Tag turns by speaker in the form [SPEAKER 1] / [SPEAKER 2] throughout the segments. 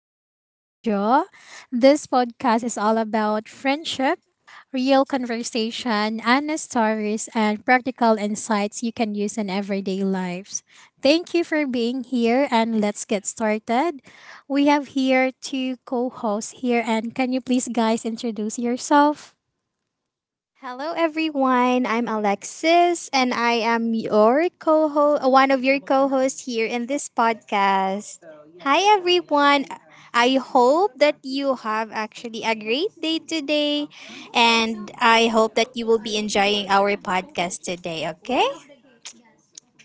[SPEAKER 1] I'm your host, Jo. This podcast is all about friendship, real conversation, honest stories, and practical insights you can use in everyday lives. Thank you for being here, and let's get started. We have here two co hosts here, and can you please, guys, introduce yourself?
[SPEAKER 2] Hello, everyone. I'm Alexis, and I am your co-host, one of your co-hosts here in this podcast. Hi, everyone. I hope that you have actually a great day today, and I hope that you will be enjoying our podcast today. Okay?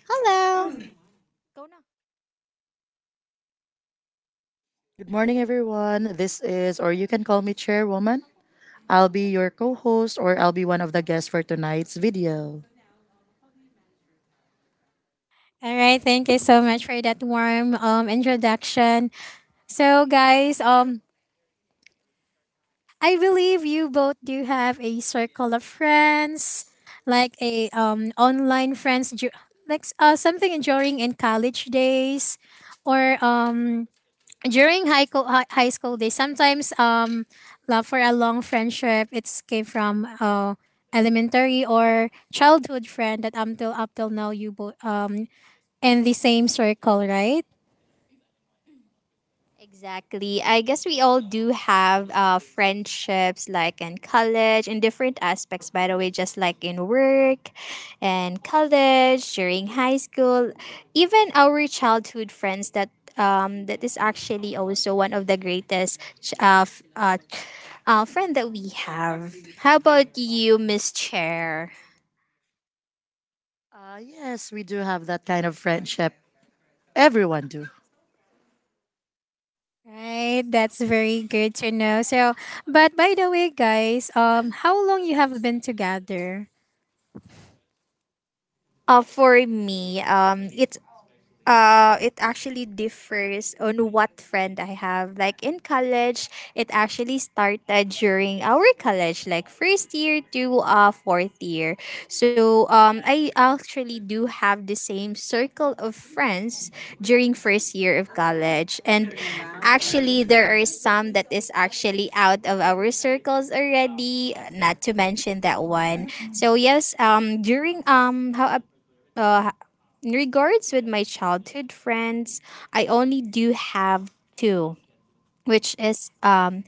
[SPEAKER 2] Hello.
[SPEAKER 3] Good morning, everyone. This is, or you can call me Chairwoman. I'll be your co host, or I'll be one of the guests for tonight's video.
[SPEAKER 1] All right, thank you so much for that warm introduction. So, guys, I believe you both do have a circle of friends, like a online friends, like something during in college days, or during high school days. Sometimes love for a long friendship it's came from elementary or childhood friend that till up till now you both in the same circle, right?
[SPEAKER 2] Exactly. I guess we all do have friendships like in college, in different aspects, by the way, just like in work and college, during high school, even our childhood friends that. That is actually also one of the greatest friend that we have. How about you, Miss Chair?
[SPEAKER 3] Yes, we do have that kind of friendship. Everyone do.
[SPEAKER 1] Right, that's very good to know. So, but by the way, guys, how long you have been together?
[SPEAKER 2] For me, it actually differs on what friend I have. Like in college, it actually started during our college, like first year to fourth year. So I actually do have the same circle of friends during first year of college, and actually there are some that is actually out of our circles already. Not to mention that one. So yes, during how in regards with my childhood friends, I only do have two, which is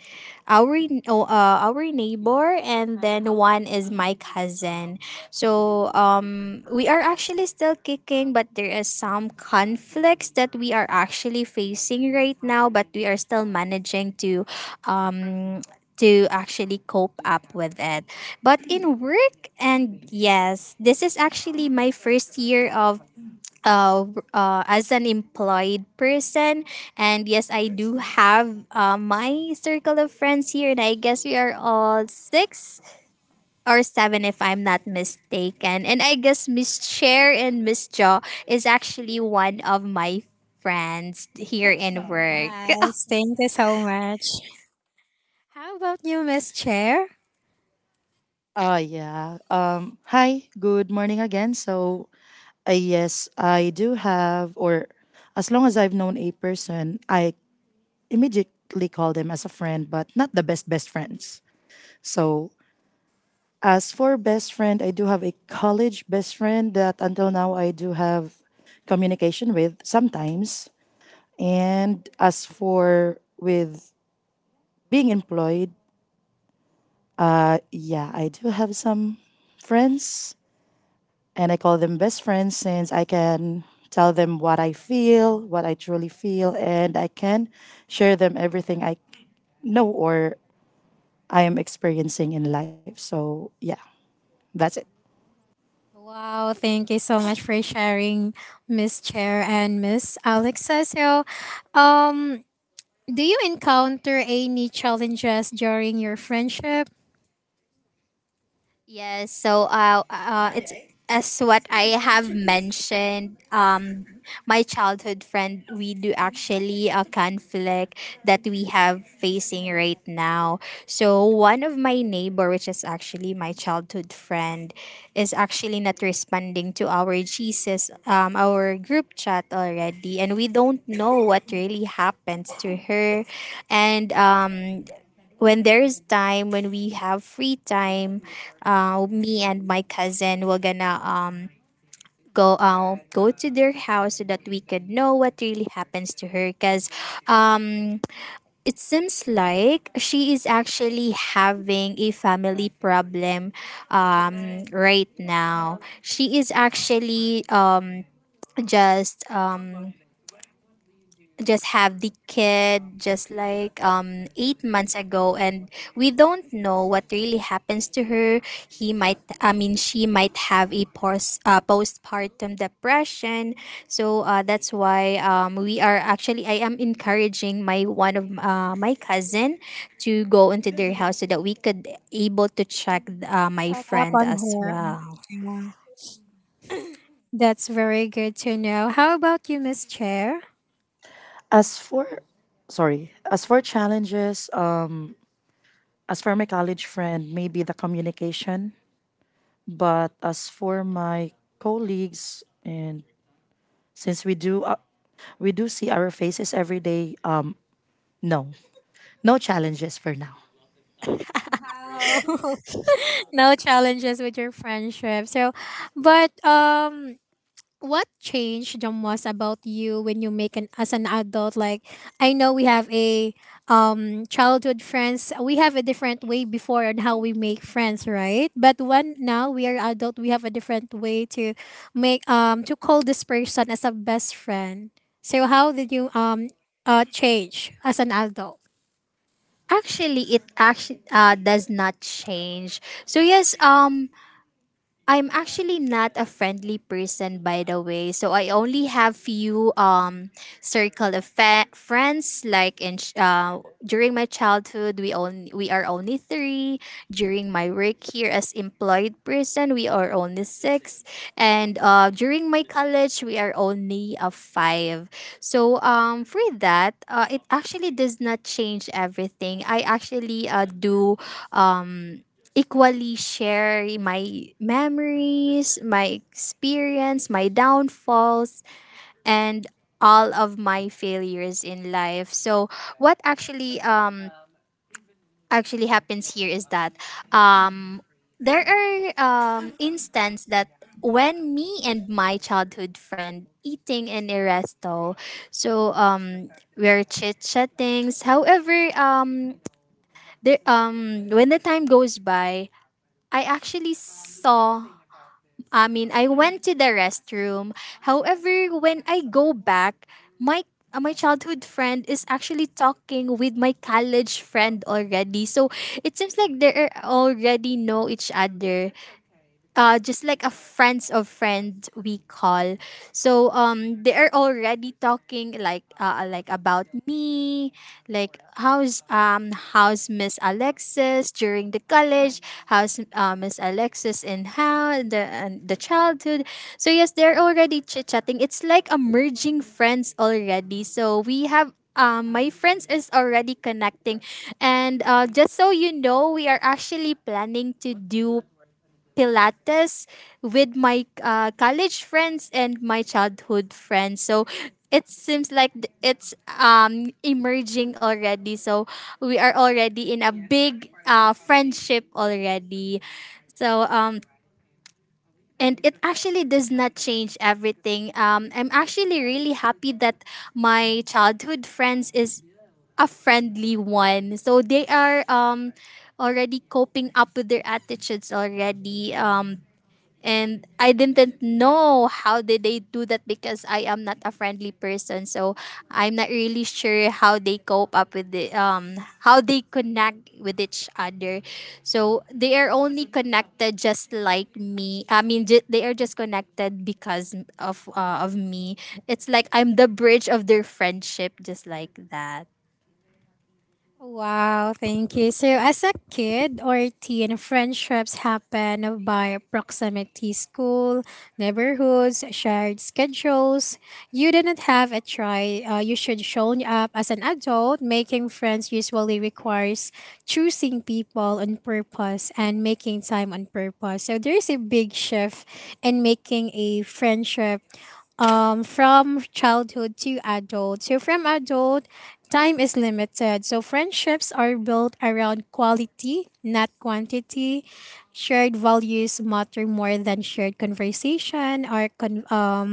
[SPEAKER 2] our oh, our neighbor, and then one is my cousin. So we are actually still kicking, but there is some conflicts that we are actually facing right now, but we are still managing to, um to actually cope up with it. But in work, and yes, this is actually my first year of uh, as an employed person. And yes, I do have my circle of friends here, and I guess we are all six or seven, if I'm not mistaken. And I guess Miss Chair and Miss Jaw is actually one of my friends here in work.
[SPEAKER 1] Yes, thank you so much. How about you, Miss Chair?
[SPEAKER 3] Yeah. Hi, good morning again. Yes, I do have, or as long as I've known a person, I immediately call them as a friend, but not the best, best friends. So, as for best friend, I do have a college best friend that until now I do have communication with sometimes. And as for with being employed, yeah, I do have some friends and I call them best friends since I can tell them what I feel, what I truly feel, and I can share them everything I know or I am experiencing in life. So, yeah, that's it.
[SPEAKER 1] Wow, thank you so much for sharing, Miss Chair and Miss Alexa. So, um, do you encounter any challenges during your friendship?
[SPEAKER 2] Yes, so it's as what I have mentioned. My childhood friend, we do actually a conflict that we have facing right now. So one of my neighbor, which is actually my childhood friend, is actually not responding to our Jesus, our group chat already, and we don't know what really happens to her, and when there's time when we have free time, me and my cousin were gonna go to their house so that we could know what really happens to her, because it seems like she is actually having a family problem. Right now she is actually just um, just have the kid just like 8 months ago, and we don't know what really happens to her. He might i mean she might have a postpartum depression. So that's why we are actually, I am encouraging my one of my cousin to go into their house so that we could able to check my
[SPEAKER 1] Check up
[SPEAKER 2] friend
[SPEAKER 1] on
[SPEAKER 2] as
[SPEAKER 1] her.
[SPEAKER 2] well.
[SPEAKER 1] Yeah, that's very good to know. How about you, Miss Chair?
[SPEAKER 3] As for sorry, as for challenges, as for my college friend, maybe the communication. But as for my colleagues, and since we do see our faces every day, no, no challenges for now.
[SPEAKER 1] Wow. No challenges with your friendship. So, but what changed the most about you when you make an as an adult? Like, I know we have a childhood friends. We have a different way before on how we make friends, right? But when now we are adult, we have a different way to make to call this person as a best friend. So, how did you change as an adult?
[SPEAKER 2] Actually it actually does not change. So yes, I'm actually not a friendly person, by the way. So I only have few circle of friends like in during my childhood we are only 3. During my work here as employed person, we are only 6, and during my college we are only a 5. So for that it actually does not change everything. I actually do um equally share my memories, my experience, my downfalls, and all of my failures in life. So what actually actually happens here is that um there are instances that when me and my childhood friend eating in a resto. So we're chit chatting, however, there when the time goes by, I actually saw, I mean, I went to the restroom. However, when I go back, my my childhood friend is actually talking with my college friend already. So it seems like they are already know each other, just like a friends of friends we call. So they are already talking like about me, like how's Miss Alexis during the college, how's Miss Alexis in how the and the childhood. So yes, they're already chit chatting. It's like a merging friends already. So we have. My friends is already connecting, and just so you know, we are actually planning to do Pilates with my college friends and my childhood friends. So it seems like it's emerging already. So we are already in a big friendship already. So and it actually does not change everything. I'm actually really happy that my childhood friends is a friendly one. So they are already coping up with their attitudes already. And I didn't know how did they do that, because I am not a friendly person. So I'm not really sure how they cope up with the how they connect with each other. So they are only connected just like me. They are just connected because of me. It's like I'm the bridge of their friendship, just like that.
[SPEAKER 1] Wow, thank you. So, as a kid or teen, friendships happen by proximity, school, neighborhoods, shared schedules. You didn't have a try. You should show up as an adult. Making friends usually requires choosing people on purpose and making time on purpose. So, there is a big shift in making a friendship from childhood to adult. So from adult, time is limited. So friendships are built around quality, not quantity. Shared values matter more than shared conversation or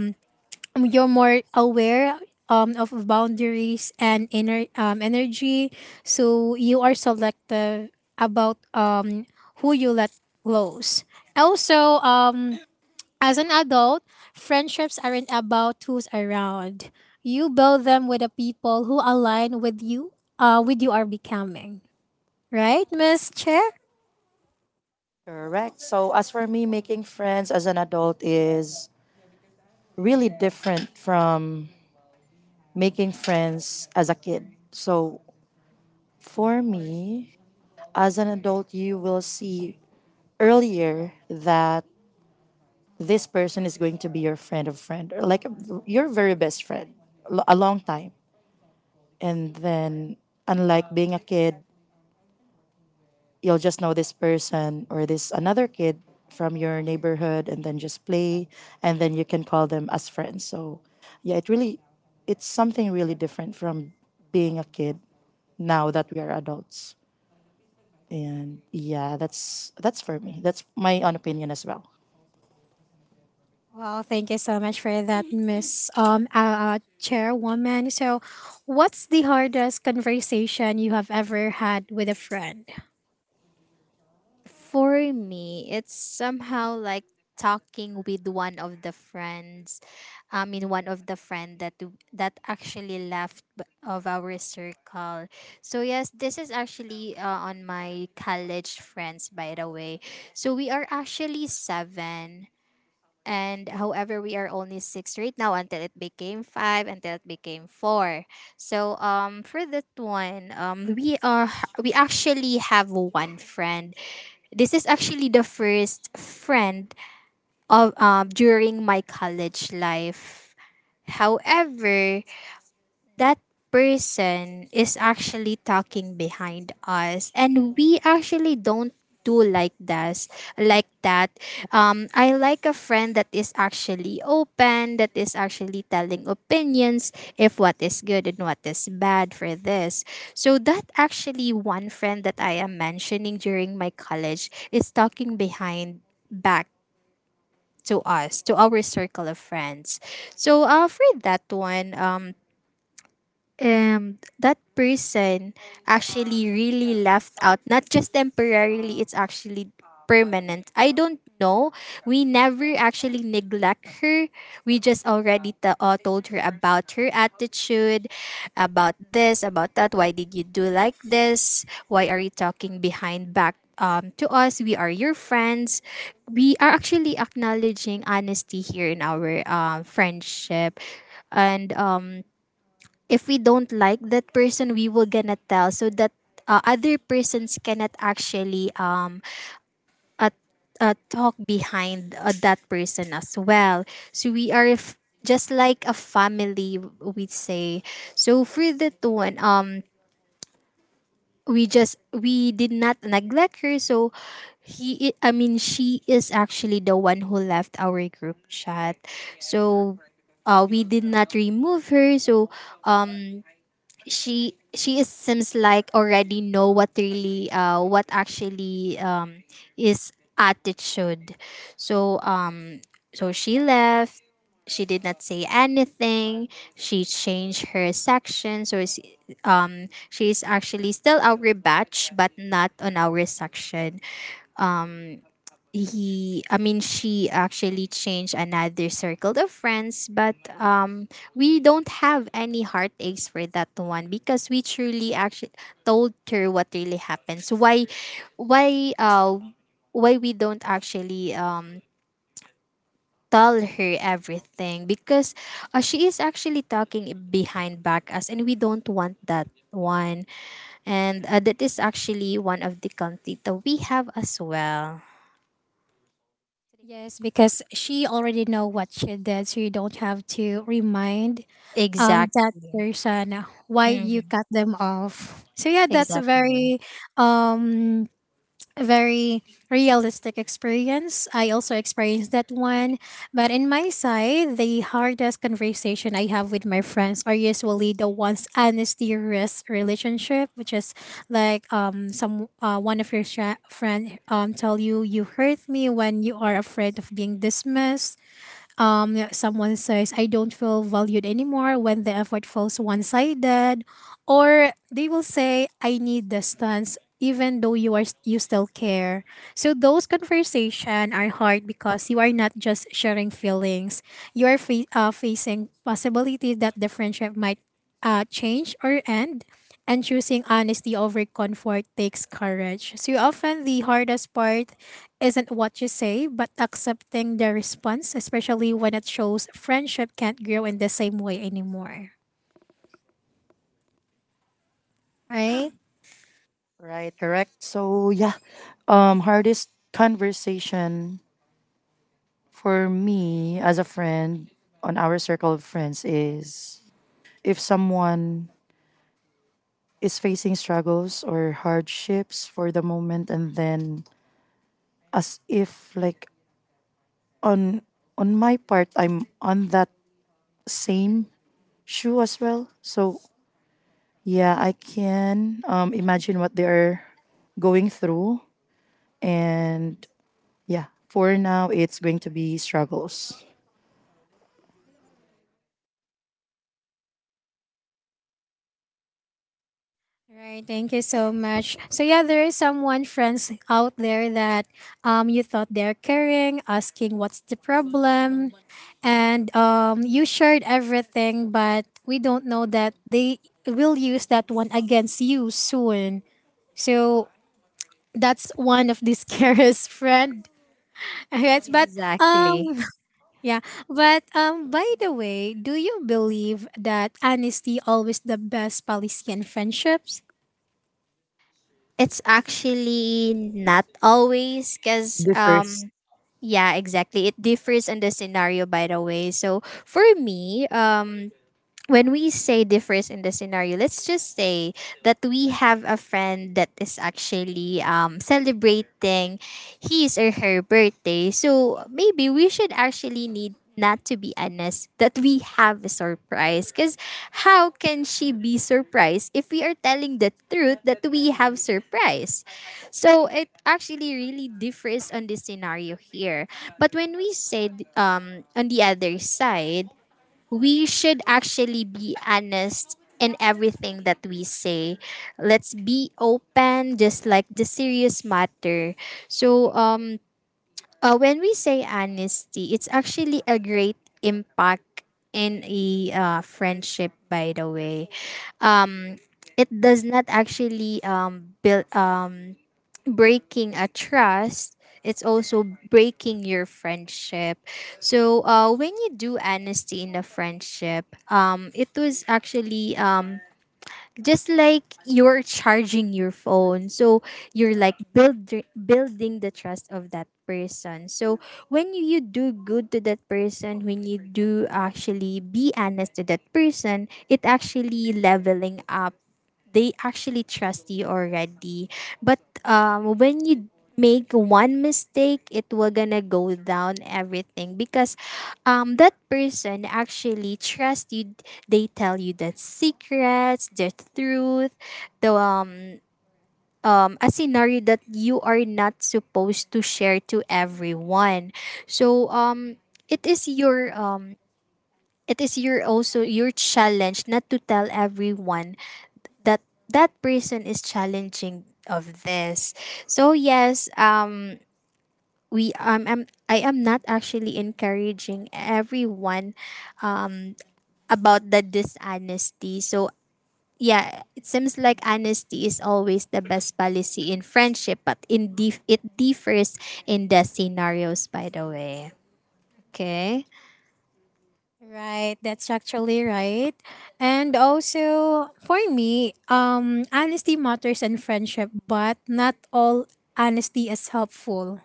[SPEAKER 1] you're more aware of boundaries and inner energy. So you are selective about who you let close. Also, as an adult, friendships aren't about who's around. You build them with the people who align with you are becoming. Right, Miss Chair?
[SPEAKER 3] Correct. So as for me, making friends as an adult is really different from making friends as a kid. So for me, as an adult, you will see earlier that this person is going to be your friend of friend, or like your very best friend, a long time. And then, unlike being a kid, you'll just know this person or this another kid from your neighborhood, and then just play, and then you can call them as friends. So, yeah, it really, it's something really different from being a kid now that we are adults. And yeah, that's for me. That's my own opinion as well.
[SPEAKER 1] Well, thank you so much for that, Miss Chairwoman. So, what's the hardest conversation you have ever had with a friend?
[SPEAKER 2] For me, it's somehow like talking with one of the friends. One of the friend that that actually of our circle. So yes, this is actually on my college friends, by the way. So we are actually seven. And however, we are only six right now, until it became five, until it became four. So for that one, we are, we actually have one friend. This is actually the first friend of during my college life. However, that person is actually talking behind us, and we actually don't do like that. I like a friend that is actually open, that is actually telling opinions if what is good and what is bad for this. So that actually one friend that I am mentioning during my college is talking behind back to us, to our circle of friends. So for that one, that person actually really left out, not just temporarily, it's actually permanent. I don't know. We never actually neglect her. We just already told her about her attitude, about this, about that. Why did you do like this? Why are you talking behind back to us? We are your friends. We are actually acknowledging honesty here in our friendship. And if we don't like that person, we will gonna tell, so that other persons cannot actually uh, talk behind that person as well. So we are just like a family, we say. So for that one, we just, we did not neglect her. So he I mean, she is actually the one who left our group chat. So we did not remove her. So um, she is seems like already know what really what actually is attitude. so um so she left. She did not say anything. She changed her section. So it's, she is actually still our batch, but not on our section. He I mean, she actually changed another circle of friends, but we don't have any heartaches for that one, because we truly actually told her what really happens. Why uh why we don't actually tell her everything? Because she is actually talking behind back us, and we don't want that one. And that is actually one of the conflict that we have as well.
[SPEAKER 1] Yes, because she already know what she did, so you don't have to remind that
[SPEAKER 2] Exactly.
[SPEAKER 1] person why you
[SPEAKER 2] Mm.
[SPEAKER 1] cut them off, so yeah, that's a
[SPEAKER 2] Exactly.
[SPEAKER 1] very um very realistic experience. I also experienced that one, but in my side the hardest conversation I have with my friends are usually the ones unserious relationship, which is like some one of your friend tell you you hurt me when you are afraid of being dismissed. Yeah, someone says, I don't feel valued anymore when the effort falls one sided. Or they will say, I need distance even though you are you still care. So those conversations are hard because you are not just sharing feelings, you are facing possibility that the friendship might change or end, and choosing honesty over comfort takes courage. So often the hardest part isn't what you say, but accepting the response, especially when it shows friendship can't grow in the same way anymore. Right?
[SPEAKER 3] Right, correct. So yeah, hardest conversation for me as a friend on our circle of friends is if someone is facing struggles or hardships for the moment, and then as if like on on my part, I'm on that same shoe as well. So yeah, I can imagine what they are going through, and yeah, for now, it's going to be struggles.
[SPEAKER 1] Right, thank you so much. So yeah, there is someone friends out there that you thought they're caring, asking what's the problem, and you shared everything, but we don't know that they will use that one against you soon. So that's one of the scariest friend. Yes, but
[SPEAKER 2] Exactly.
[SPEAKER 1] yeah, but by the way, do you believe that honesty always the best policy in friendships?
[SPEAKER 2] It's actually not always, because
[SPEAKER 3] Differs.
[SPEAKER 2] yeah, exactly. It differs in the scenario, by the way. So for me, when we say differs in the scenario, let's just say that we have a friend that is actually celebrating his or her birthday. So maybe we should actually need not to be honest that we have a surprise, because how can she be surprised if we are telling the truth that we have surprise? So it actually really differs on the scenario here. But when we say, on the other side, we should actually be honest in everything that we say. Let's be open, just like the serious matter. So, when we say honesty, it's actually a great impact in a friendship. By the way, um, it does not actually build breaking a trust, it's also breaking your friendship. So when you do honesty in a friendship, it was actually just like you're charging your phone. So you're like build, building the trust of that person. So when you do good to that person, when you do actually be honest to that person, it actually leveling up. They actually trust you already. But when you make one mistake, it will gonna go down everything, because that person actually trust you. They tell you the secrets, the truth, the a scenario that you are not supposed to share to everyone. So um, it is your um, it is your also your challenge not to tell everyone that that person is challenging of this, so yes, we um I'm, I am not actually encouraging everyone um about the dishonesty. So yeah, it seems like honesty is always the best policy in friendship, but it differs in the scenarios, by the way. Okay.
[SPEAKER 1] Right, that's actually right. And also for me, honesty matters in friendship, but not all honesty is helpful.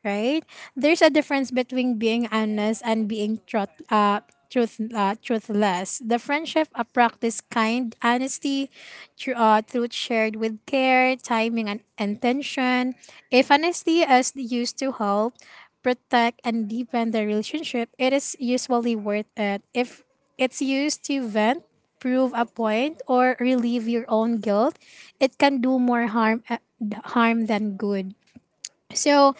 [SPEAKER 1] Right? There's a difference between being honest and being truthless. The friendship practice kind honesty, truth shared with care, timing, and intention. If honesty is used to help, protect, and deepen the relationship, it is usually worth it. If it's used to vent, prove a point, or relieve your own guilt, it can do more harm than good. So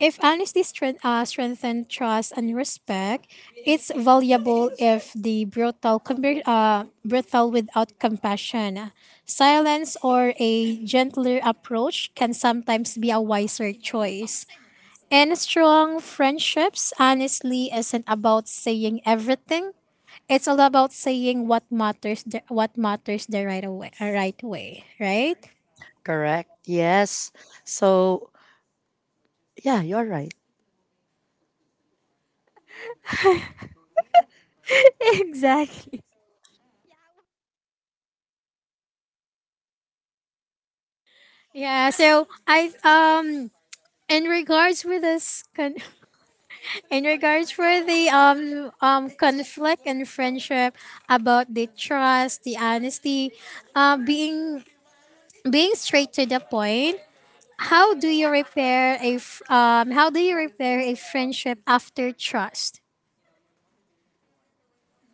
[SPEAKER 1] if strengthens trust and respect, it's valuable if the brutal without compassion. Silence or a gentler approach can sometimes be a wiser choice. And strong friendships, honestly, isn't about saying everything. It's all about saying what matters, right way, right?
[SPEAKER 3] Correct. Yes. So, yeah, you're right.
[SPEAKER 2] Exactly.
[SPEAKER 1] Yeah. So I in regards with this in regards for the conflict and friendship, about the trust, the honesty, being being straight to the point. How do you repair a how do you repair a friendship after trust?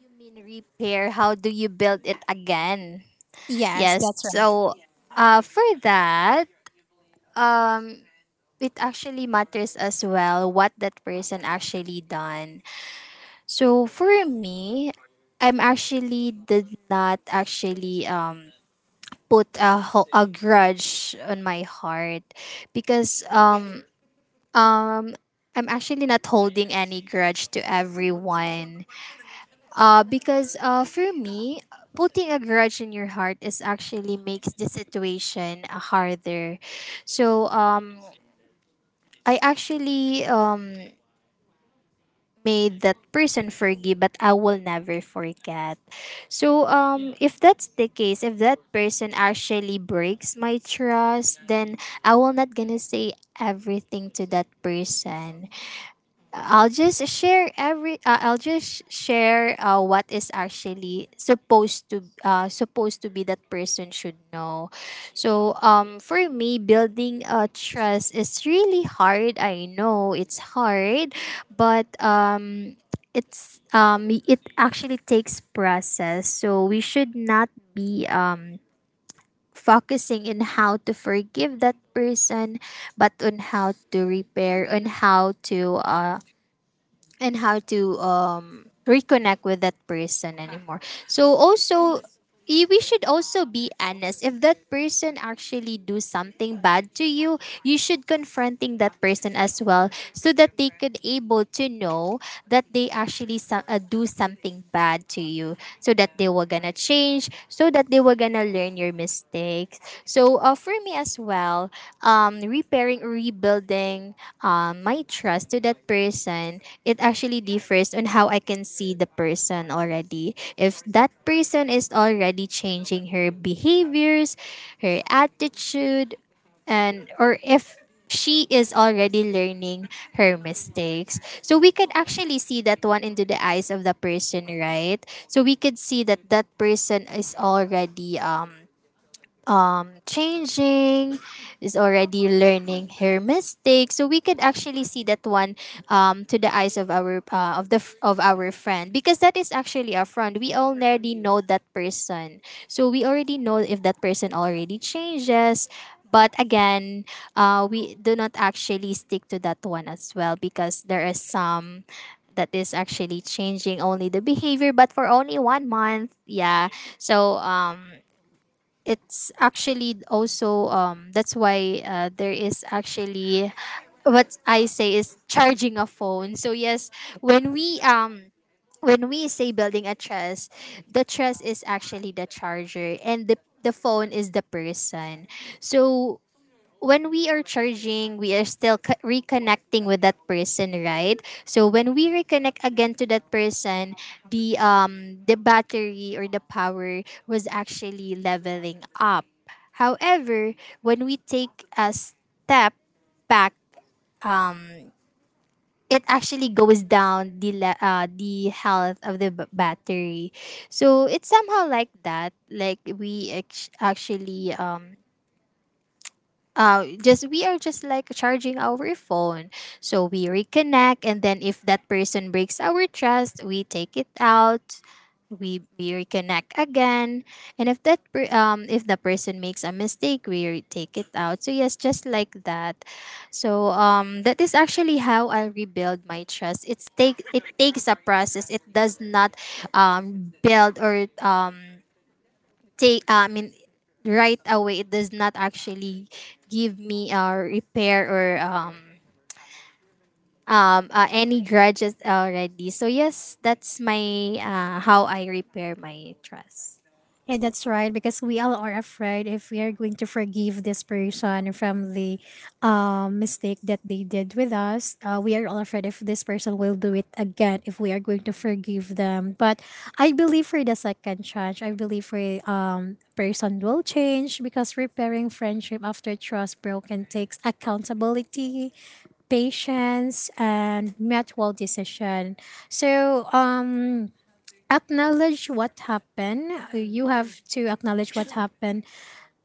[SPEAKER 2] You mean repair, how do you build it again?
[SPEAKER 1] Yes,
[SPEAKER 2] Yes.
[SPEAKER 1] that's right.
[SPEAKER 2] So for that, um, it actually matters as well what that person actually done. So for me, I'm actually did not actually put a grudge on my heart, because um I'm actually not holding any grudge to everyone. Because for me, putting a grudge in your heart is actually makes the situation harder. So I actually made that person forgive, but I will never forget. So if that's the case, if that person actually breaks my trust, then I will not gonna say everything to that person. I'll just share every. I'll just share what is actually supposed to supposed to be that person should know. So for me, building a trust is really hard. I know it's hard, but it actually takes process. So we should not be focusing in how to forgive that person, but on how to repair, on how to and how to reconnect with that person anymore. So also, we should also be honest. If that person actually do something bad to you, you should confronting that person as well, so that they could able to know that they actually do something bad to you, so that they were gonna change, so that they were gonna learn your mistakes. So for me as well, repairing or rebuilding my trust to that person, it actually differs on how I can see the person already. If that person is already changing her behaviors, her attitude, and or if she is already learning her mistakes. So we could actually see that one into the eyes of the person, right? So we could see that that person is already changing, is already learning her mistakes. So we could actually see that one to the eyes of our of our friend, because that is actually our friend. We already know that person, so we already know if that person already changes. But again, we do not actually stick to that one as well, because there is some that is actually changing only the behavior, but for only one month. Yeah. So it's actually also that's why there is actually what I say is charging a phone. So yes, when we um when we say building a trust, the trust is actually the charger and the phone is the person. So when we are charging, we are still reconnecting with that person, right? So when we reconnect again to that person, the battery or the power was actually leveling up. However, when we take a step back, it actually goes down the health of battery. So it's somehow like that. Like we are just like charging our phone. So we reconnect, and then if that person breaks our trust we take it out, we reconnect again, and if if the person makes a mistake we take it out. So yes, just like that. So that is actually how I rebuild my trust. It takes a process. It does not build or take I mean right away. It does not actually give me a repair or any grudges already. So yes, that's my how I repair my trust.
[SPEAKER 1] Yeah, that's right. Because we all are afraid if we are going to forgive this person from the mistake that they did with us. We are all afraid if this person will do it again if we are going to forgive them. But I believe for the second chance, I believe for person will change because repairing friendship after trust broken takes accountability, patience, and mutual decision. So acknowledge what happened. You have to acknowledge what happened,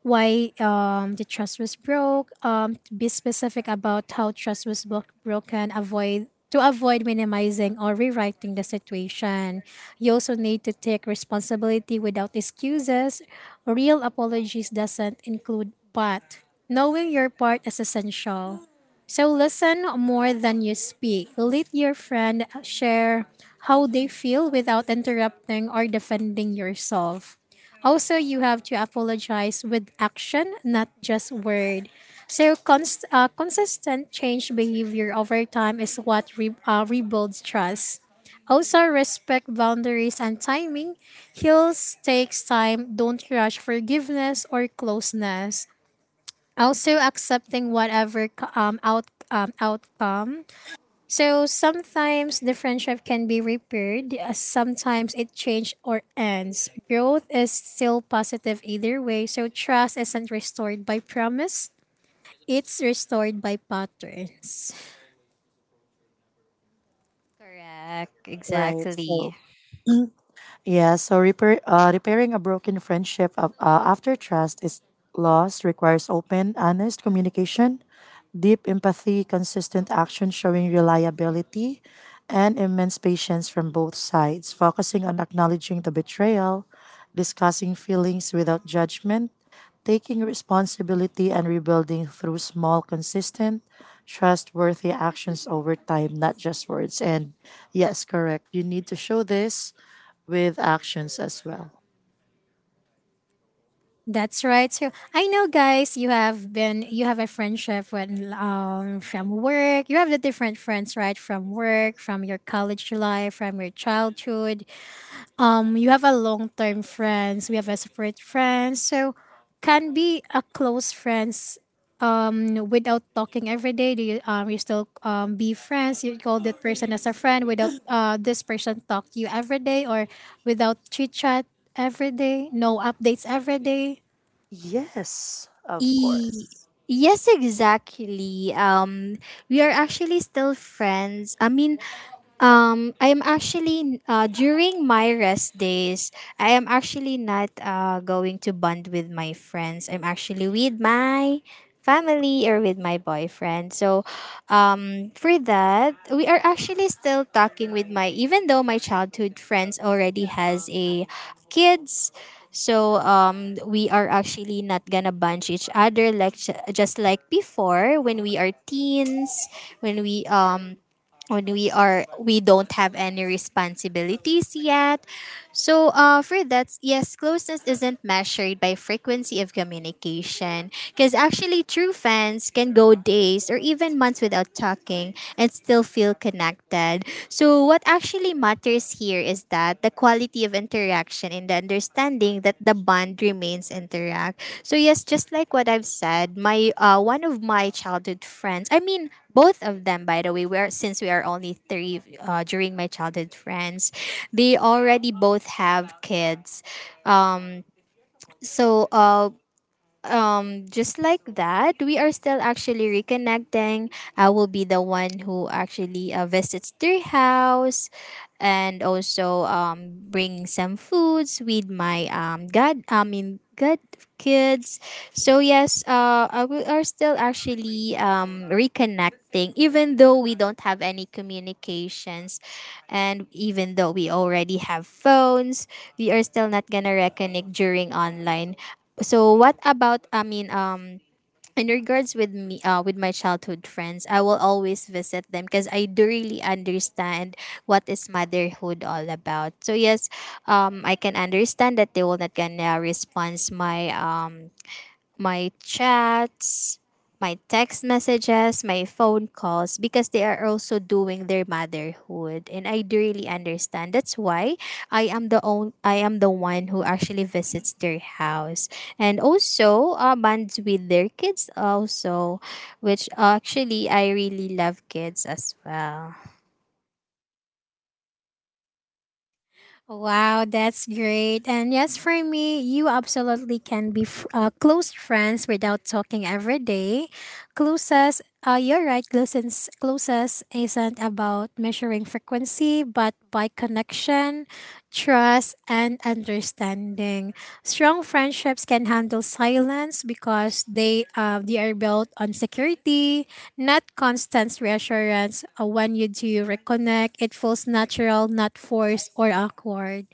[SPEAKER 1] why the trust was broke. To be specific about how trust was broken. Avoid to avoid minimizing or rewriting the situation. You also need to take responsibility without excuses. Real apologies doesn't include but. Knowing your part is essential. So listen more than you speak. Let your friend share how they feel without interrupting or defending yourself. Also, you have to apologize with action, not just word. So, consistent change behavior over time is what rebuilds trust. Also, respect boundaries and timing. Heals takes time. Don't rush forgiveness or closeness. Also, accepting whatever outcome, so sometimes the friendship can be repaired, sometimes it changes or ends. Growth is still positive either way, so trust isn't restored by promise. It's restored by patterns.
[SPEAKER 2] Correct.
[SPEAKER 3] Right.
[SPEAKER 2] Exactly.
[SPEAKER 3] So, yeah, so repairing a broken friendship after trust is lost requires open, honest communication, deep empathy, consistent action showing reliability, and immense patience from both sides, focusing on acknowledging the betrayal, discussing feelings without judgment, taking responsibility, and rebuilding through small, consistent, trustworthy actions over time, not just words. And yes, correct. You need to show this with actions as well.
[SPEAKER 1] That's right. So I know, guys, you have been you have a friendship when from work. You have the different friends, right? From work, from your college life, from your childhood. You have a long term friends, we have a separate friends, so can be a close friends without talking every day, do you you still be friends, you call that person as a friend without this person talk to you every day or without chit chat every day, no updates every day?
[SPEAKER 3] Yes, of
[SPEAKER 2] E-
[SPEAKER 3] course.
[SPEAKER 2] yes, exactly. We are actually still friends. I mean, I am actually during my rest days. I am actually not going to bond with my friends. I'm actually with my family or with my boyfriend. So, for that, we are actually still talking with my, even though my childhood friends already has a kids. So we are actually not gonna bunch each other like just like before, when we are teens, when we um when we are, we don't have any responsibilities yet. So for that, yes, closeness isn't measured by frequency of communication, because actually true fans can go days or even months without talking and still feel connected. So what actually matters here is that the quality of interaction and the understanding that the bond remains intact. So yes, just like what I've said, my one of my childhood friends, I mean both of them by the way, we are, since we are only three during my childhood friends, they already both have kids. um so uh just like that, we are still actually reconnecting. I will be the one who actually visits their house, and also bring some foods with my god I mean god kids. So yes, we are still actually reconnecting, even though we don't have any communications, and even though we already have phones, we are still not gonna reconnect during online. So what about, in regards with me, with my childhood friends I will always visit them, because I do really understand what is motherhood all about. So yes, I can understand that they will not gonna respond my my chats, my text messages, my phone calls, because they are also doing their motherhood, and I do really understand. That's why I am the one who actually visits their house, and also bonds with their kids also, which actually I really love kids as well.
[SPEAKER 1] Wow, that's great. And yes, for me, you absolutely can be close friends without talking every day. Closest, you're right, closest isn't about measuring frequency, but by connection, trust, and understanding. Strong friendships can handle silence because they are built on security, not constant reassurance. When you do reconnect, it feels natural, not forced or awkward.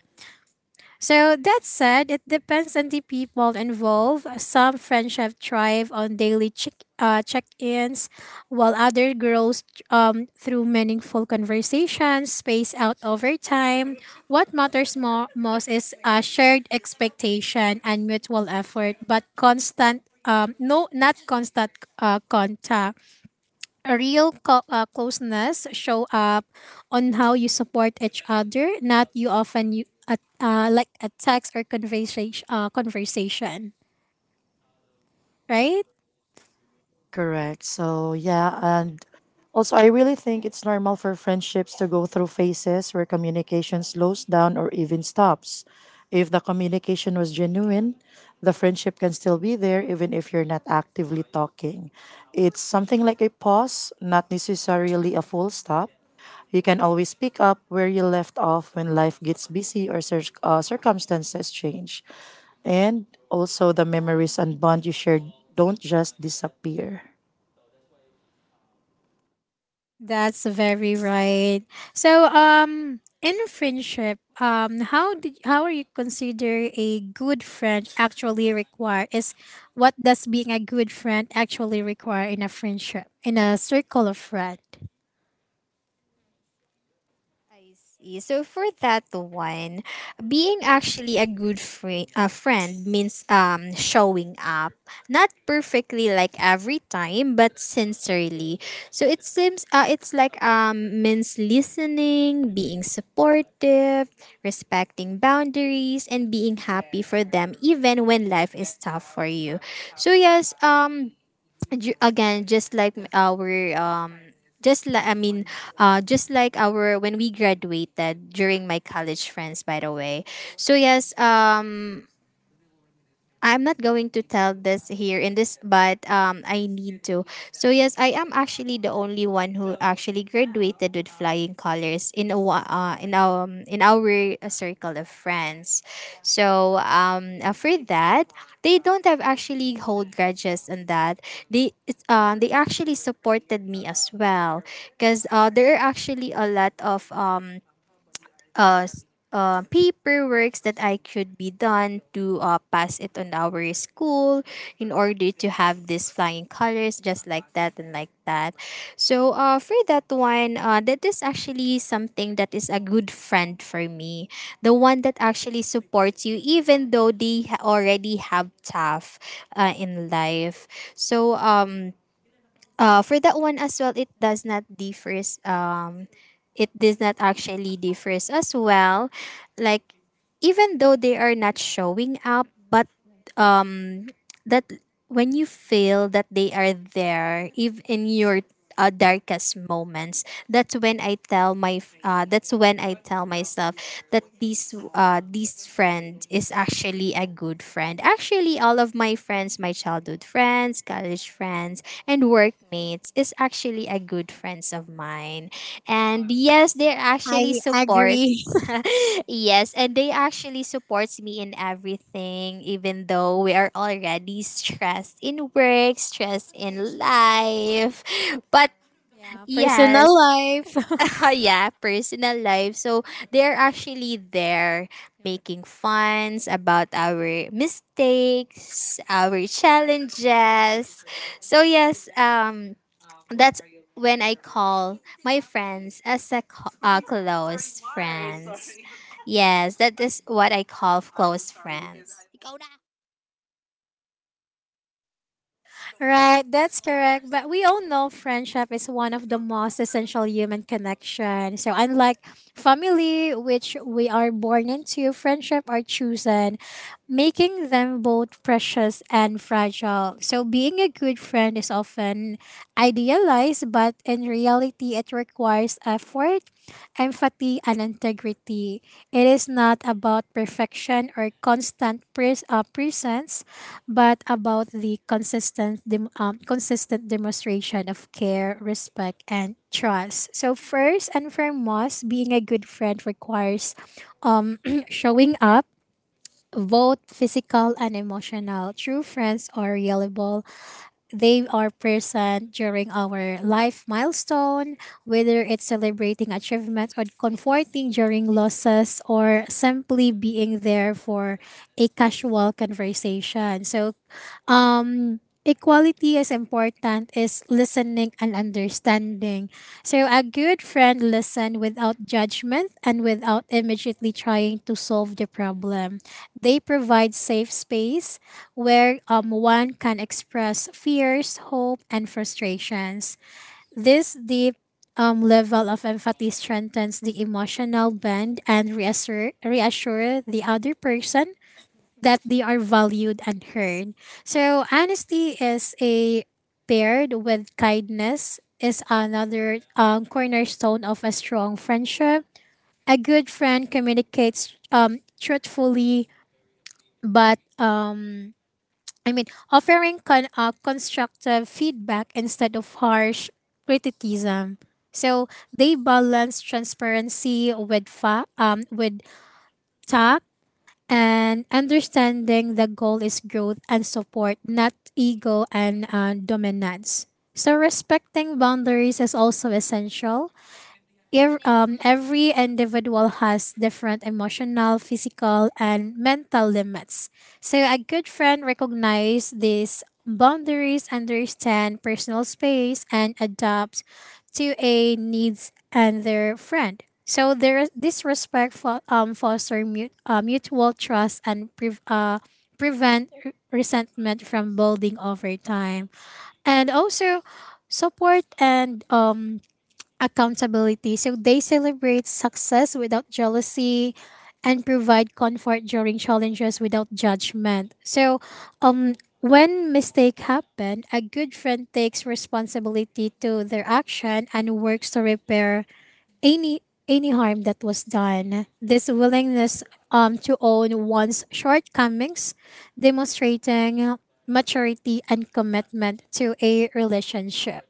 [SPEAKER 1] So that said, it depends on the people involved. Some friendship thrive on daily check check-ins, while other grows through meaningful conversations spaced out over time. What matters most is a shared expectation and mutual effort, but constant no not constant contact. A real closeness show up on how you support each other, not you often you like a text or conversation, right?
[SPEAKER 3] Correct. So, yeah. And also, I really think it's normal for friendships to go through phases where communication slows down or even stops. If the communication was genuine, the friendship can still be there even if you're not actively talking. It's something like a pause, not necessarily a full stop. You can always pick up where you left off when life gets busy or circumstances change. And also, the memories and bond you shared don't just disappear.
[SPEAKER 1] That's very right. So in friendship, how are you consider a good friend actually require is what does being a good friend actually require in a friendship, in a circle of friend?
[SPEAKER 2] I see. So for that one, being actually a friend means showing up, not perfectly like every time, but sincerely. So it seems it's like means listening, being supportive, respecting boundaries, and being happy for them even when life is tough for you. So yes, ju- again just like our um just like I mean just like our when we graduated, during my college friends by the way. So yes, I'm not going to tell this here in this, but I need to. So yes, I am actually the only one who actually graduated with flying colors in our circle of friends. So for that, they don't have actually hold grudges on that. They actually supported me as well, because there are actually a lot of uh, s- paperworks that I could be done to pass it on our school in order to have these flying colors, just like that and like that. So for that one, that is actually something that is a good friend for me. The one that actually supports you even though they already have tough in life. So for that one as well, it does not differ it does not actually differs as well, like, even though they are not showing up, but that when you feel that they are there even in your darkest moments, that's when I tell my f- that's when I tell myself that this friend is actually a good friend. Actually all of my friends, my childhood friends, college friends, and workmates is actually a good friends of mine, and yes, they're actually
[SPEAKER 1] I
[SPEAKER 2] support.
[SPEAKER 1] agree.
[SPEAKER 2] Yes, and they actually supports me in everything, even though we are already stressed in work, stressed in life. But
[SPEAKER 1] Yeah, personal
[SPEAKER 2] yes,
[SPEAKER 1] life.
[SPEAKER 2] yeah, personal life. So they're actually there, making funs about our mistakes, our challenges. So yes, that's when I call my friends as a close friends. Yes, that is what I call close friends.
[SPEAKER 1] Right, that's correct. But we all know friendship is one of the most essential human connection. So unlike family, which we are born into, friendship are chosen, making them both precious and fragile. So being a good friend is often idealized, but in reality, it requires effort, empathy, and integrity. It is not about perfection or presence, but about the consistent consistent demonstration of care, respect, and trust. So first and foremost, being a good friend requires showing up. Both physical and emotional. True friends are reliable. They are present during our life milestone, whether it's celebrating achievements or comforting during losses or simply being there for a casual conversation. Um Equality is important is listening and understanding, so a good friend listen without judgment and without immediately trying to solve the problem. They provide safe space where one can express fears hope and frustrations. This deep level of empathy strengthens the emotional bond and reassure the other person that they are valued and heard. So honesty is a paired with kindness is another cornerstone of a strong friendship. A good friend communicates truthfully, but I mean offering constructive feedback instead of harsh criticism. So they balance transparency with with tact and understanding the goal is growth and support, not ego and dominance. So, respecting boundaries is also essential. Every individual has different emotional, physical, and mental limits. So a good friend recognizes these boundaries, understand personal space, and adapt to a needs and their friend. So there, this respect foster mutual trust and prevent resentment from building over time. And also, support and accountability. So they celebrate success without jealousy and provide comfort during challenges without judgment. So when mistake happen, a good friend takes responsibility to their action and works to repair any any harm that was done. This willingness to own one's shortcomings, demonstrating maturity and commitment to a relationship.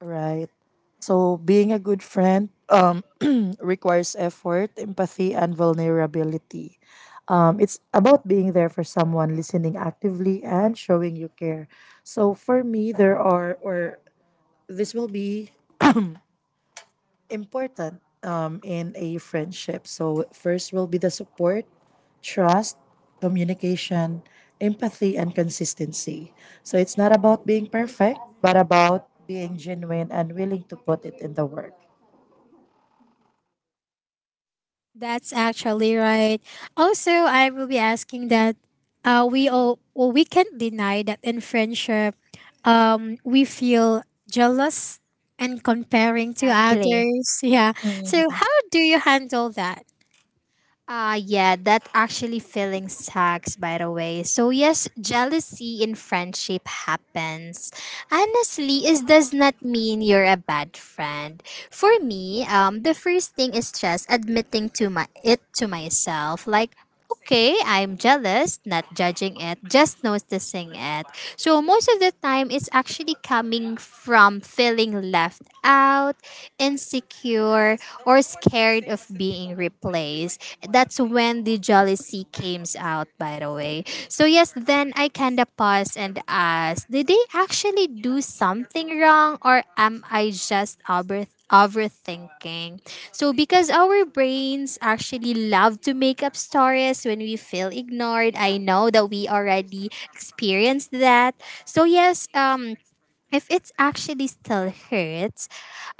[SPEAKER 3] Right. So being a good friend requires effort, empathy, and vulnerability. It's about being there for someone, listening actively, and showing you care. So for me, there are, or this will be important in a friendship. So, first will be the support, trust, communication, empathy, and consistency. So, it's not about being perfect, but about being genuine and willing to put it in the work.
[SPEAKER 1] That's actually right. Also, I will be asking that we all well, we can't deny that in friendship, we feel jealous and comparing to
[SPEAKER 2] Exactly.
[SPEAKER 1] others. Yeah. So how do you handle that?
[SPEAKER 2] Ah, yeah, that actually feeling sucks, by the way. So yes, jealousy in friendship happens. Honestly, it does not mean you're a bad friend. For me, the first thing is just admitting to my it to myself. Like, okay, I'm jealous, not judging it, just noticing it. So most of the time, it's actually coming from feeling left out, insecure, or scared of being replaced. That's when the jealousy came out, by the way. So yes, then I kind of pause and ask, did they actually do something wrong, or am I just overthinking. So because our brains actually love to make up stories when we feel ignored, I know that we already experienced that. So yes, if it's actually still hurts,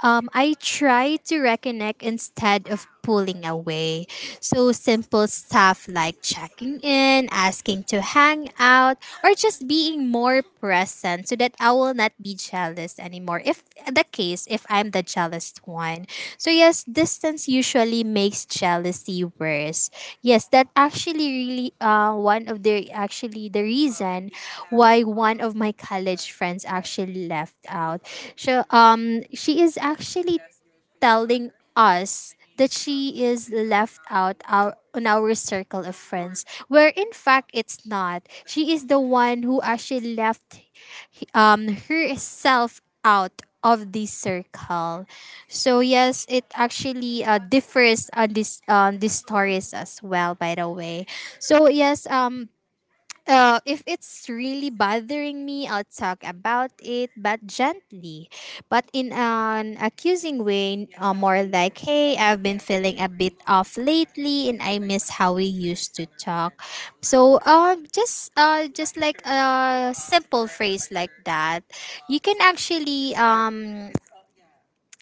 [SPEAKER 2] I try to reconnect instead of pulling away. So simple stuff like checking in, asking to hang out, or just being more present so that I will not be jealous anymore. If the case, if I'm the jealous one. So, yes, distance usually makes jealousy worse. Yes, that actually really one of the actually the reason why one of my college friends actually left out. So, she is actually telling us that she is left out our, on our circle of friends where in fact it's not she is the one who actually left herself out of the circle. So yes, it actually differs on this on these stories as well. By the way, so yes, if it's really bothering me, I'll talk about it, but gently, but in an accusing way, more like, hey, I've been feeling a bit off lately, and I miss how we used to talk. So, just like a simple phrase like that, you can actually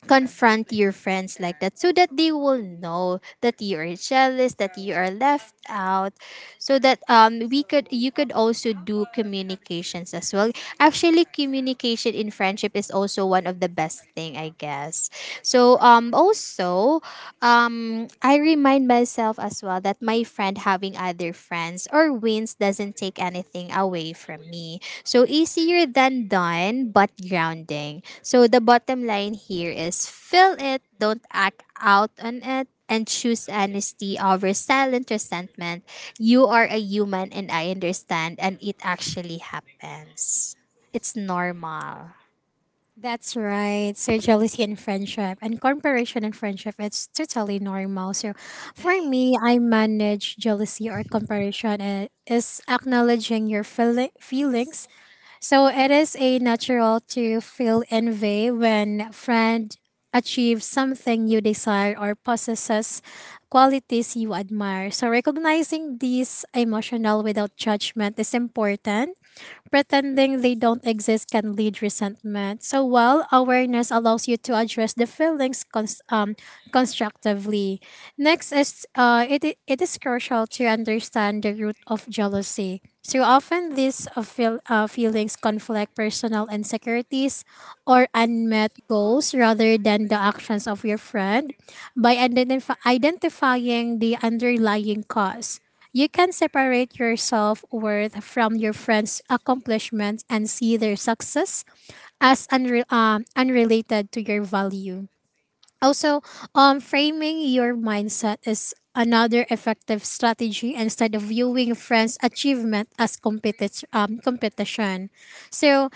[SPEAKER 2] confront your friends like that so that they will know that you are jealous, that you are left out so that we could you could also do communications as well. Actually, communication in friendship is also one of the best thing, I guess. So also I remind myself as well that my friend having other friends or wins doesn't take anything away from me. So easier than done, but grounding. So the bottom line here is feel it, don't act out on it. And choose honesty over silent resentment. You are a human, and I understand, and it actually happens. It's normal.
[SPEAKER 1] That's right. So jealousy in friendship and comparison in friendship, it's totally normal. So for me, I manage jealousy or comparison is acknowledging your feelings. So it is a natural to feel envy when a friend achieves something you desire or possesses qualities you admire. So recognizing these emotional without judgment is important. Pretending they don't exist can lead resentment. So while awareness allows you to address the feelings constructively, next is it is crucial to understand the root of jealousy. So often these feelings conflict personal insecurities or unmet goals rather than the actions of your friend by identifying the underlying cause. You can separate your self worth from your friends' accomplishments and see their success as unrelated to your value. Also, framing your mindset is another effective strategy instead of viewing friends' achievement as competition. So,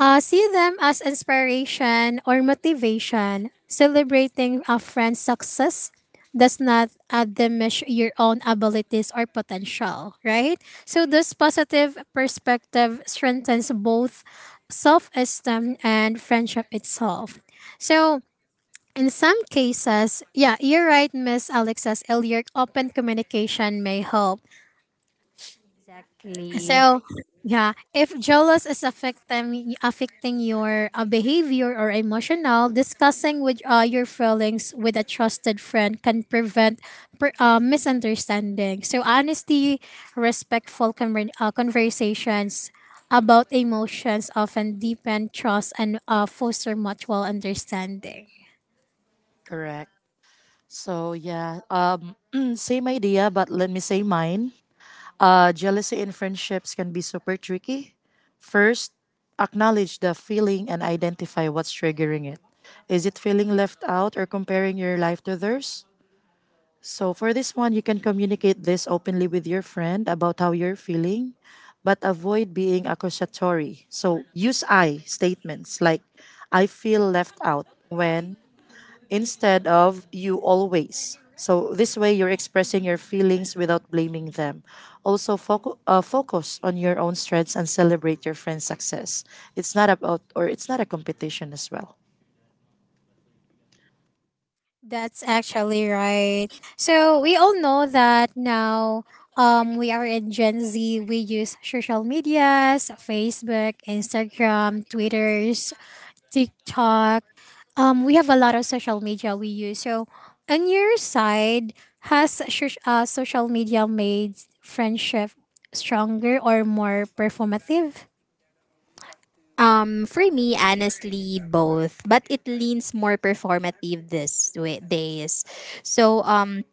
[SPEAKER 1] see them as inspiration or motivation. Celebrating a friend's success does not diminish your own abilities or potential, right? So, this positive perspective strengthens both self esteem and friendship itself. So, in some cases, yeah, you're right, Miss Alexa's earlier open communication may help.
[SPEAKER 2] Really.
[SPEAKER 1] So yeah, if jealous is affecting your behavior or emotional, discussing with your feelings with a trusted friend can prevent misunderstanding. So honesty, respectful conversations about emotions often deepen trust and foster mutual understanding.
[SPEAKER 3] Correct. So yeah, same idea, but let me say mine. Jealousy in friendships can be super tricky. First, acknowledge the feeling and identify what's triggering it. Is it feeling left out or comparing your life to theirs? So, for this one, you can communicate this openly with your friend about how you're feeling, but avoid being accusatory. So, use I statements like, I feel left out when instead of you always. So this way you're expressing your feelings without blaming them. Also focus on your own strengths and celebrate your friend's success. It's not about or it's not a competition as well.
[SPEAKER 1] That's actually right. So we all know that now we are in Gen Z. We use social medias, Facebook, Instagram, Twitters, TikTok. We have a lot of social media we use. So on your side, has social media made friendship stronger or more performative?
[SPEAKER 2] For me, honestly, both, but it leans more performative this way, days. So,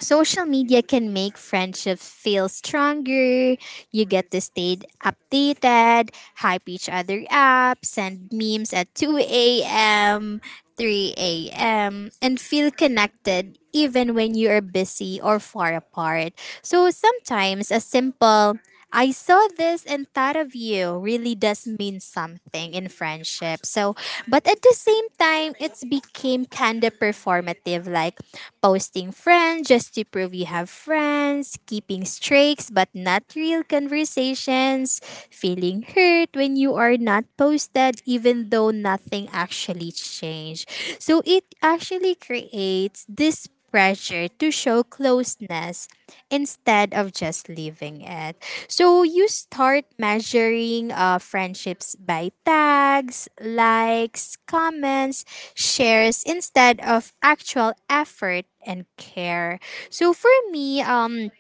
[SPEAKER 2] social media can make friendships feel stronger. You get to stay updated, hype each other up, send memes at 2 a.m., 3 a.m., and feel connected even when you are busy or far apart. So sometimes a simple I saw this and thought of you really does mean something in friendship. So, but at the same time, it's became kind of performative, like posting friends just to prove you have friends, keeping streaks but not real conversations, feeling hurt when you are not posted, even though nothing actually changed. So, it actually creates this pressure to show closeness instead of just leaving it. So you start measuring friendships by tags, likes, comments, shares instead of actual effort and care. So for me,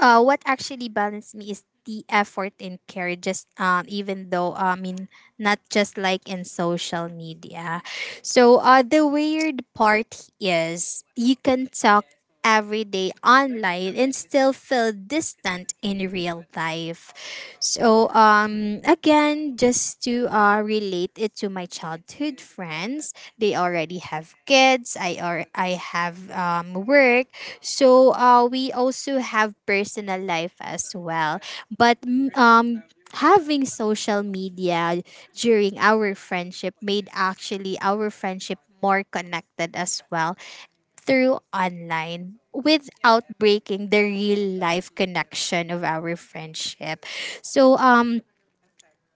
[SPEAKER 2] what actually balanced me is the effort in care, just even though, I mean, not just like in social media. So the weird part is you can talk every day online and still feel distant out in real life. So again, just to relate it to my childhood friends, they already have kids. I have work. So we also have personal life as well. But having social media during our friendship made actually our friendship more connected as well through online without breaking the real life connection of our friendship. So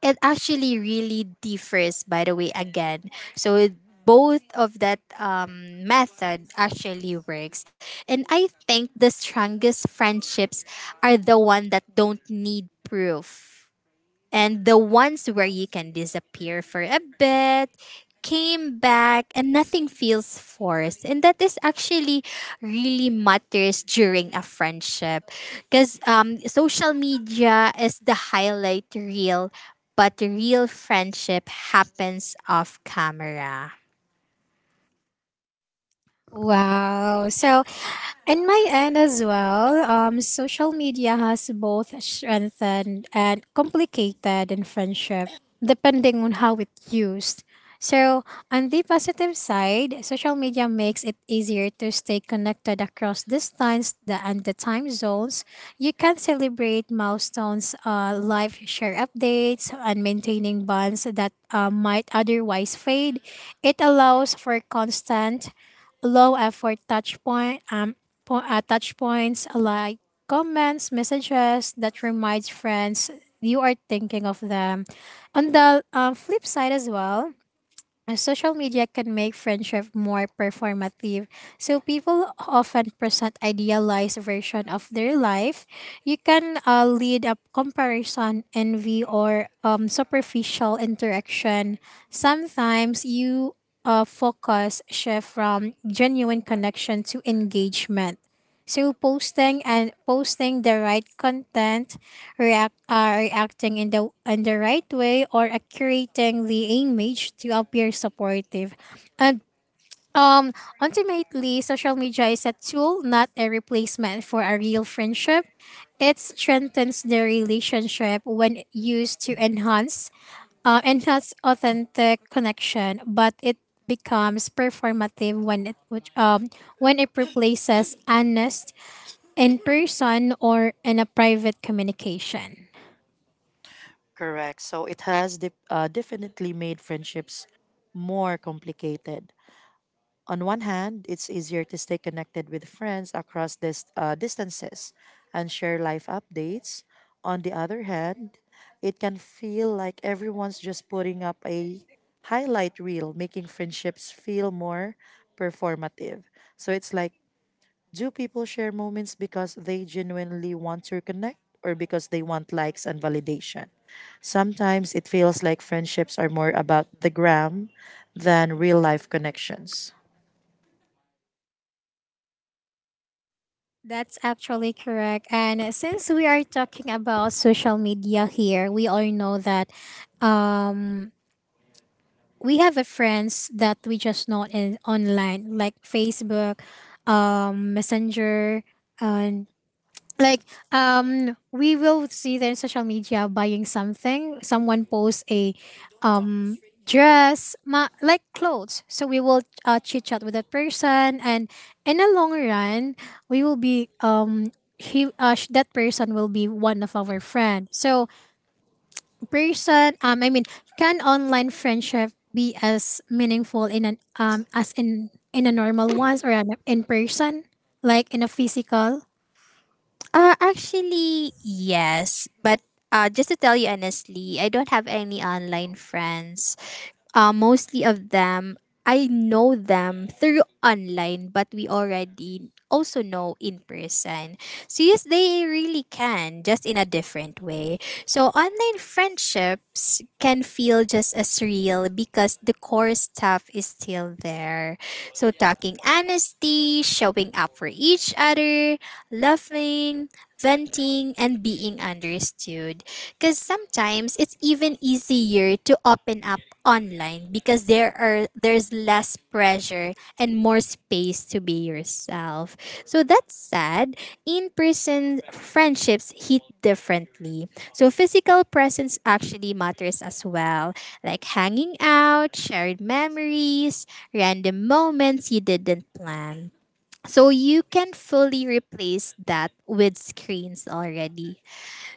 [SPEAKER 2] it actually really differs, by the way, again. So both of that method actually works, and I think the strongest friendships are the one that don't need proof, and the ones where you can disappear for a bit, came back, and nothing feels forced. And that is actually really matters during a friendship. Because social media is the highlight reel, but the real friendship happens off camera.
[SPEAKER 1] Wow. So, in my end as well, social media has both strengthened and complicated in friendship, depending on how it's used. So, on the positive side, social media makes it easier to stay connected across distance and the time zones. You can celebrate milestones, live share updates, and maintaining bonds that might otherwise fade. It allows for constant low effort touch point touch points like comments messages that reminds friends you are thinking of them on the flip side as well. Social media can make friendship more performative, so people often present idealized version of their life. You can lead up comparison, envy, or superficial interaction. Sometimes you focus shift from genuine connection to engagement. So posting and posting the right content, reacting in the right way or accurating the image to appear supportive. And um ultimately social media is a tool, not a replacement for a real friendship. It strengthens the relationship when used to enhance enhance authentic connection, but it becomes performative when it replaces honest in person or in a private communication.
[SPEAKER 3] Correct. So it has definitely made friendships more complicated. On one hand, it's easier to stay connected with friends across distances and share life updates. On the other hand, it can feel like everyone's just putting up a highlight reel, making friendships feel more performative. So it's like, do people share moments because they genuinely want to connect or because they want likes and validation? Sometimes it feels like friendships are more about the gram than real life connections.
[SPEAKER 1] That's actually correct. And since we are talking about social media here, we all know that um, we have a friends that we just know in online, like Facebook, Messenger, uh, like we will see their social media buying something someone posts a um like clothes so we will chit chat with that person and in the long run we will be that person will be one of our friend so person I mean, can online friendship be as meaningful in an as in a normal ones or in person like in a physical.
[SPEAKER 2] Actually, yes. But just to tell you honestly, I don't have any online friends. Mostly of them, I know them through online, but we already also know in person. So, yes, they really can, just in a different way. So, online friendships can feel just as real because the core stuff is still there. So, talking honesty, showing up for each other, laughing, venting, and being understood. Because sometimes it's even easier to open up online because there's less pressure and more space to be yourself. So that's sad. In-person friendships hit differently. So physical presence actually matters as well, like hanging out, shared memories, random moments you didn't plan. So you can fully replace that with screens already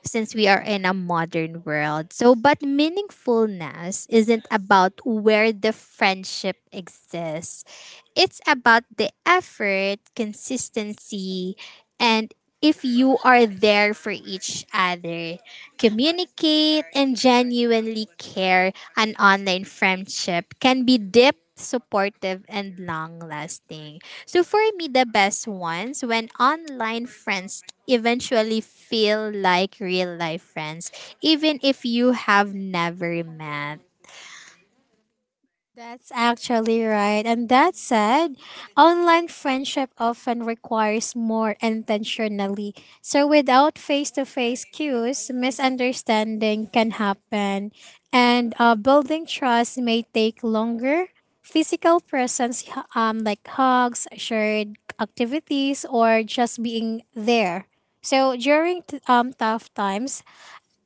[SPEAKER 2] since we are in a modern world. So, but meaningfulness isn't about where the friendship exists, it's about the effort, consistency, and if you are there for each other, communicate and genuinely care, an online friendship can be deep, supportive, and long lasting. So for me, the best ones when online friends eventually feel like real life friends, even if you have never met.
[SPEAKER 1] That's actually right. And that said, online friendship often requires more intentionally. So without face-to-face cues, misunderstanding can happen. And building trust may take longer. Physical presence, like hugs, shared activities, or just being there. So during tough times,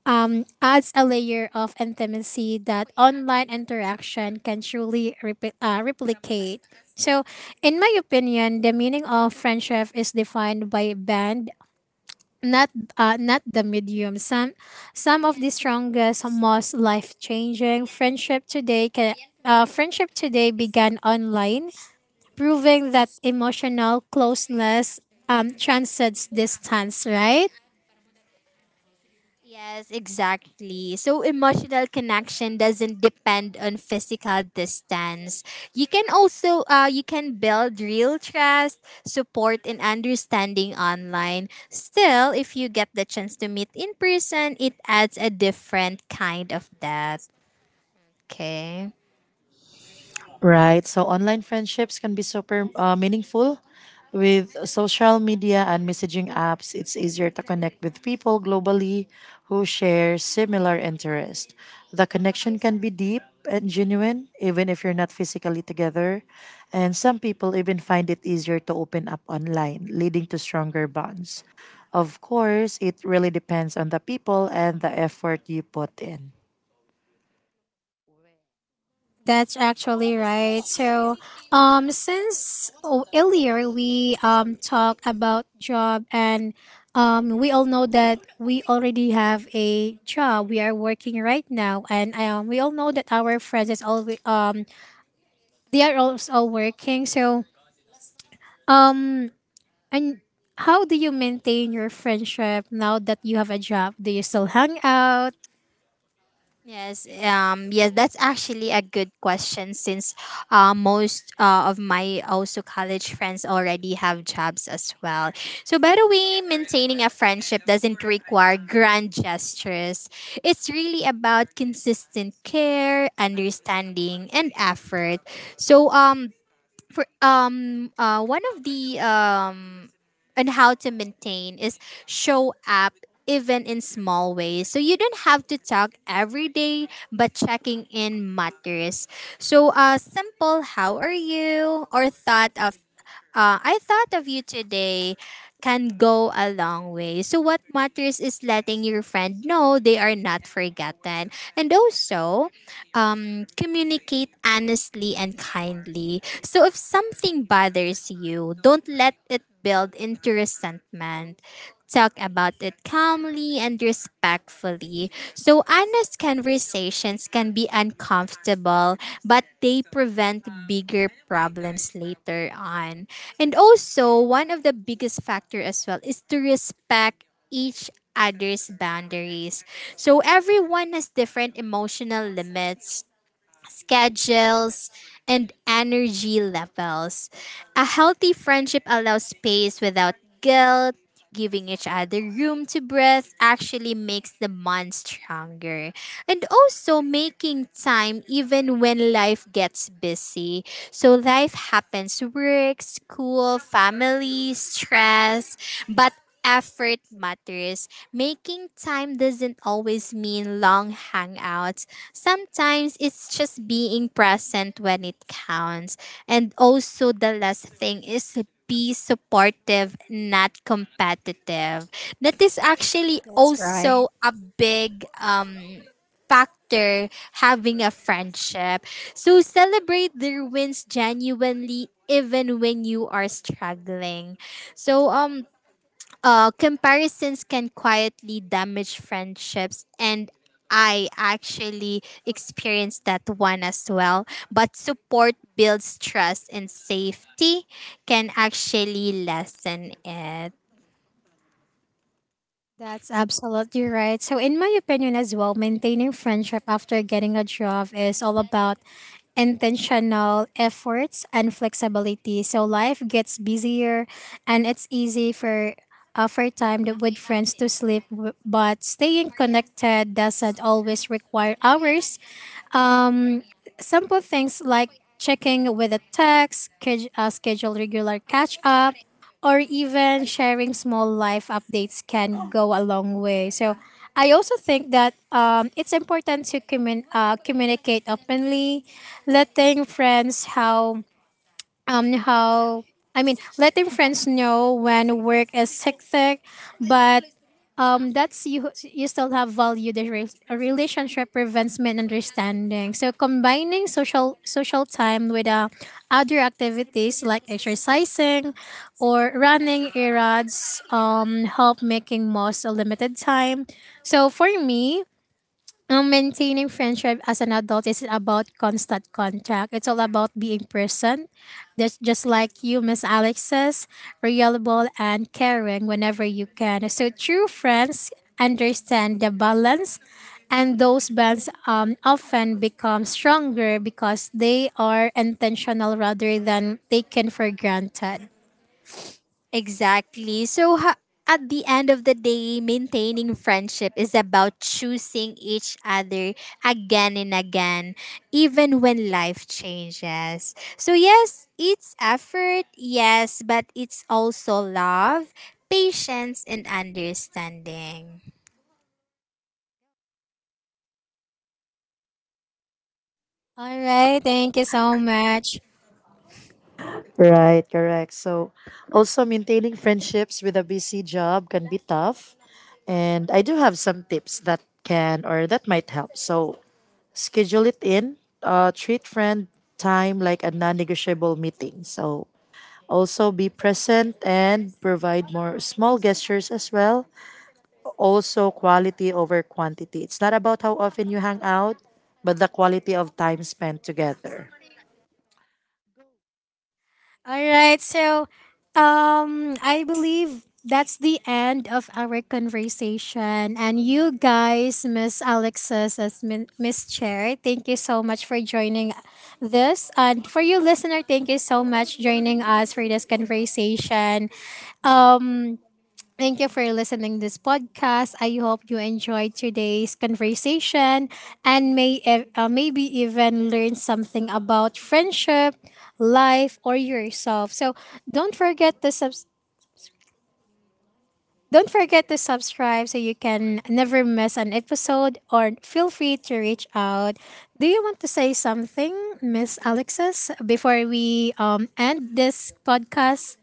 [SPEAKER 1] adds a layer of intimacy that online interaction can truly replicate. So, in my opinion, the meaning of friendship is defined by band, not not the medium. Some of the strongest, most life changing friendship today began online, proving that emotional closeness transcends distance. Right.
[SPEAKER 2] Yes, exactly. So emotional connection doesn't depend on physical distance. You can also you can build real trust, support and understanding online. Still, if you get the chance to meet in person, it adds a different kind of depth. Okay.
[SPEAKER 3] Right. So online friendships can be super meaningful. With social media and messaging apps, it's easier to connect with people globally who share similar interests. The connection can be deep and genuine, even if you're not physically together. And some people even find it easier to open up online, leading to stronger bonds. Of course, it really depends on the people and the effort you put in.
[SPEAKER 1] That's actually right. So, since oh, earlier we talked about job and we all know that we already have a job. We are working right now, and we all know that our friends is all they are also working. So, um, and how do you maintain your friendship now that you have a job? Do you still hang out?
[SPEAKER 2] Yes, yes, that's actually a good question since most of my also college friends already have jobs as well. So, by the way, maintaining a friendship doesn't require grand gestures. It's really about consistent care, understanding, and effort. So, for one of the and how to maintain is show up even in small ways. So you don't have to talk every day, but checking in matters. So simple how are you or thought of I thought of you today can go a long way. So what matters is letting your friend know they are not forgotten. And also, communicate honestly and kindly. So if something bothers you, don't let it build into resentment. Talk about it calmly and respectfully. So, honest conversations can be uncomfortable, but they prevent bigger problems later on. And also, one of the biggest factor as well is to respect each other's boundaries. So everyone has different emotional limits, schedules, and energy levels. A healthy friendship allows space without guilt. Giving each other room to breathe actually makes the bond stronger. And also making time even when life gets busy. So life happens, work, school, family, stress, but effort matters. Making time doesn't always mean long hangouts. Sometimes it's just being present when it counts. And also, the last thing is be supportive, not competitive. That is actually
[SPEAKER 1] That's right.
[SPEAKER 2] also a big factor having a friendship. So celebrate their wins genuinely even when you are struggling. So comparisons can quietly damage friendships, and I actually experienced that one as well. But support builds trust and safety, can actually lessen it.
[SPEAKER 1] That's absolutely right. So, in my opinion as well, maintaining friendship after getting a job is all about intentional efforts and flexibility. So, life gets busier, and it's easy for with friends to slip, but staying connected doesn't always require hours. Simple things like checking with a text, schedule regular catch up, or even sharing small life updates can go a long way. So I also think that it's important to communicate openly, letting friends how I mean letting friends know when work is hectic, but that's you still have value. A relationship prevents misunderstanding. So combining social time with other activities like exercising or running errands help making most a limited time. So for me, maintaining friendship as an adult isn't about constant contact. It's all about being present. That's just like you, Miss Alex says, reliable and caring whenever you can. So true friends understand the balance and those bonds often become stronger because they are intentional rather than taken for granted.
[SPEAKER 2] Exactly. So, at the end of the day, maintaining friendship is about choosing each other again and again, even when life changes. So, yes, it's effort, yes, but it's also love, patience, and understanding.
[SPEAKER 1] All right, thank you so much.
[SPEAKER 3] Right, correct. So, also maintaining friendships with a busy job can be tough. And I do have some tips that can or that might help. So, schedule it in, treat friend time like a non negotiable meeting. So, also be present and provide more small gestures as well. Also, quality over quantity. It's not about how often you hang out, but the quality of time spent together.
[SPEAKER 1] All right. So, I believe that's the end of our conversation. And you guys, Miss Alexis as Miss Chair, thank you so much for joining this. And for you, listener, thank you so much joining us for this conversation. Um, Thank you for listening this podcast. I hope you enjoyed today's conversation and may maybe even learn something about friendship, life, or yourself. So don't forget to subs- don't forget to subscribe so you can never miss an episode. Or feel free to reach out. Do you want to say something, Miss Alexis, before we end this podcast?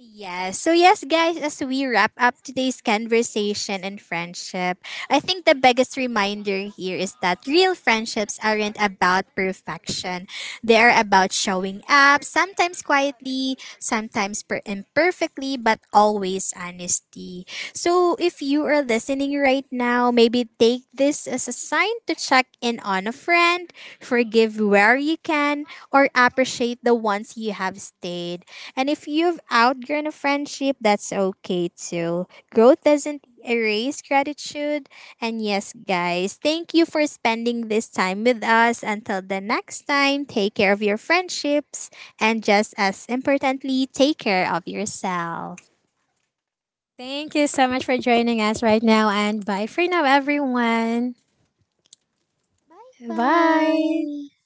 [SPEAKER 2] Yes. So, yes, guys, as we wrap up today's conversation and friendship, I think the biggest reminder here is that real friendships aren't about perfection. They are about showing up, sometimes quietly, sometimes imperfectly, but always honesty. So, if you are listening right now, maybe take this as a sign to check in on a friend, forgive where you can, or appreciate the ones you have stayed. And if you've outgrown a friendship, that's okay too. Growth doesn't erase gratitude. And yes, guys, thank you for spending this time with us. Until the next time, take care of your friendships. And just as importantly, take care of yourself.
[SPEAKER 1] Thank you so much for joining us right now, and bye for now, everyone.
[SPEAKER 2] Bye
[SPEAKER 1] Bye.
[SPEAKER 2] bye.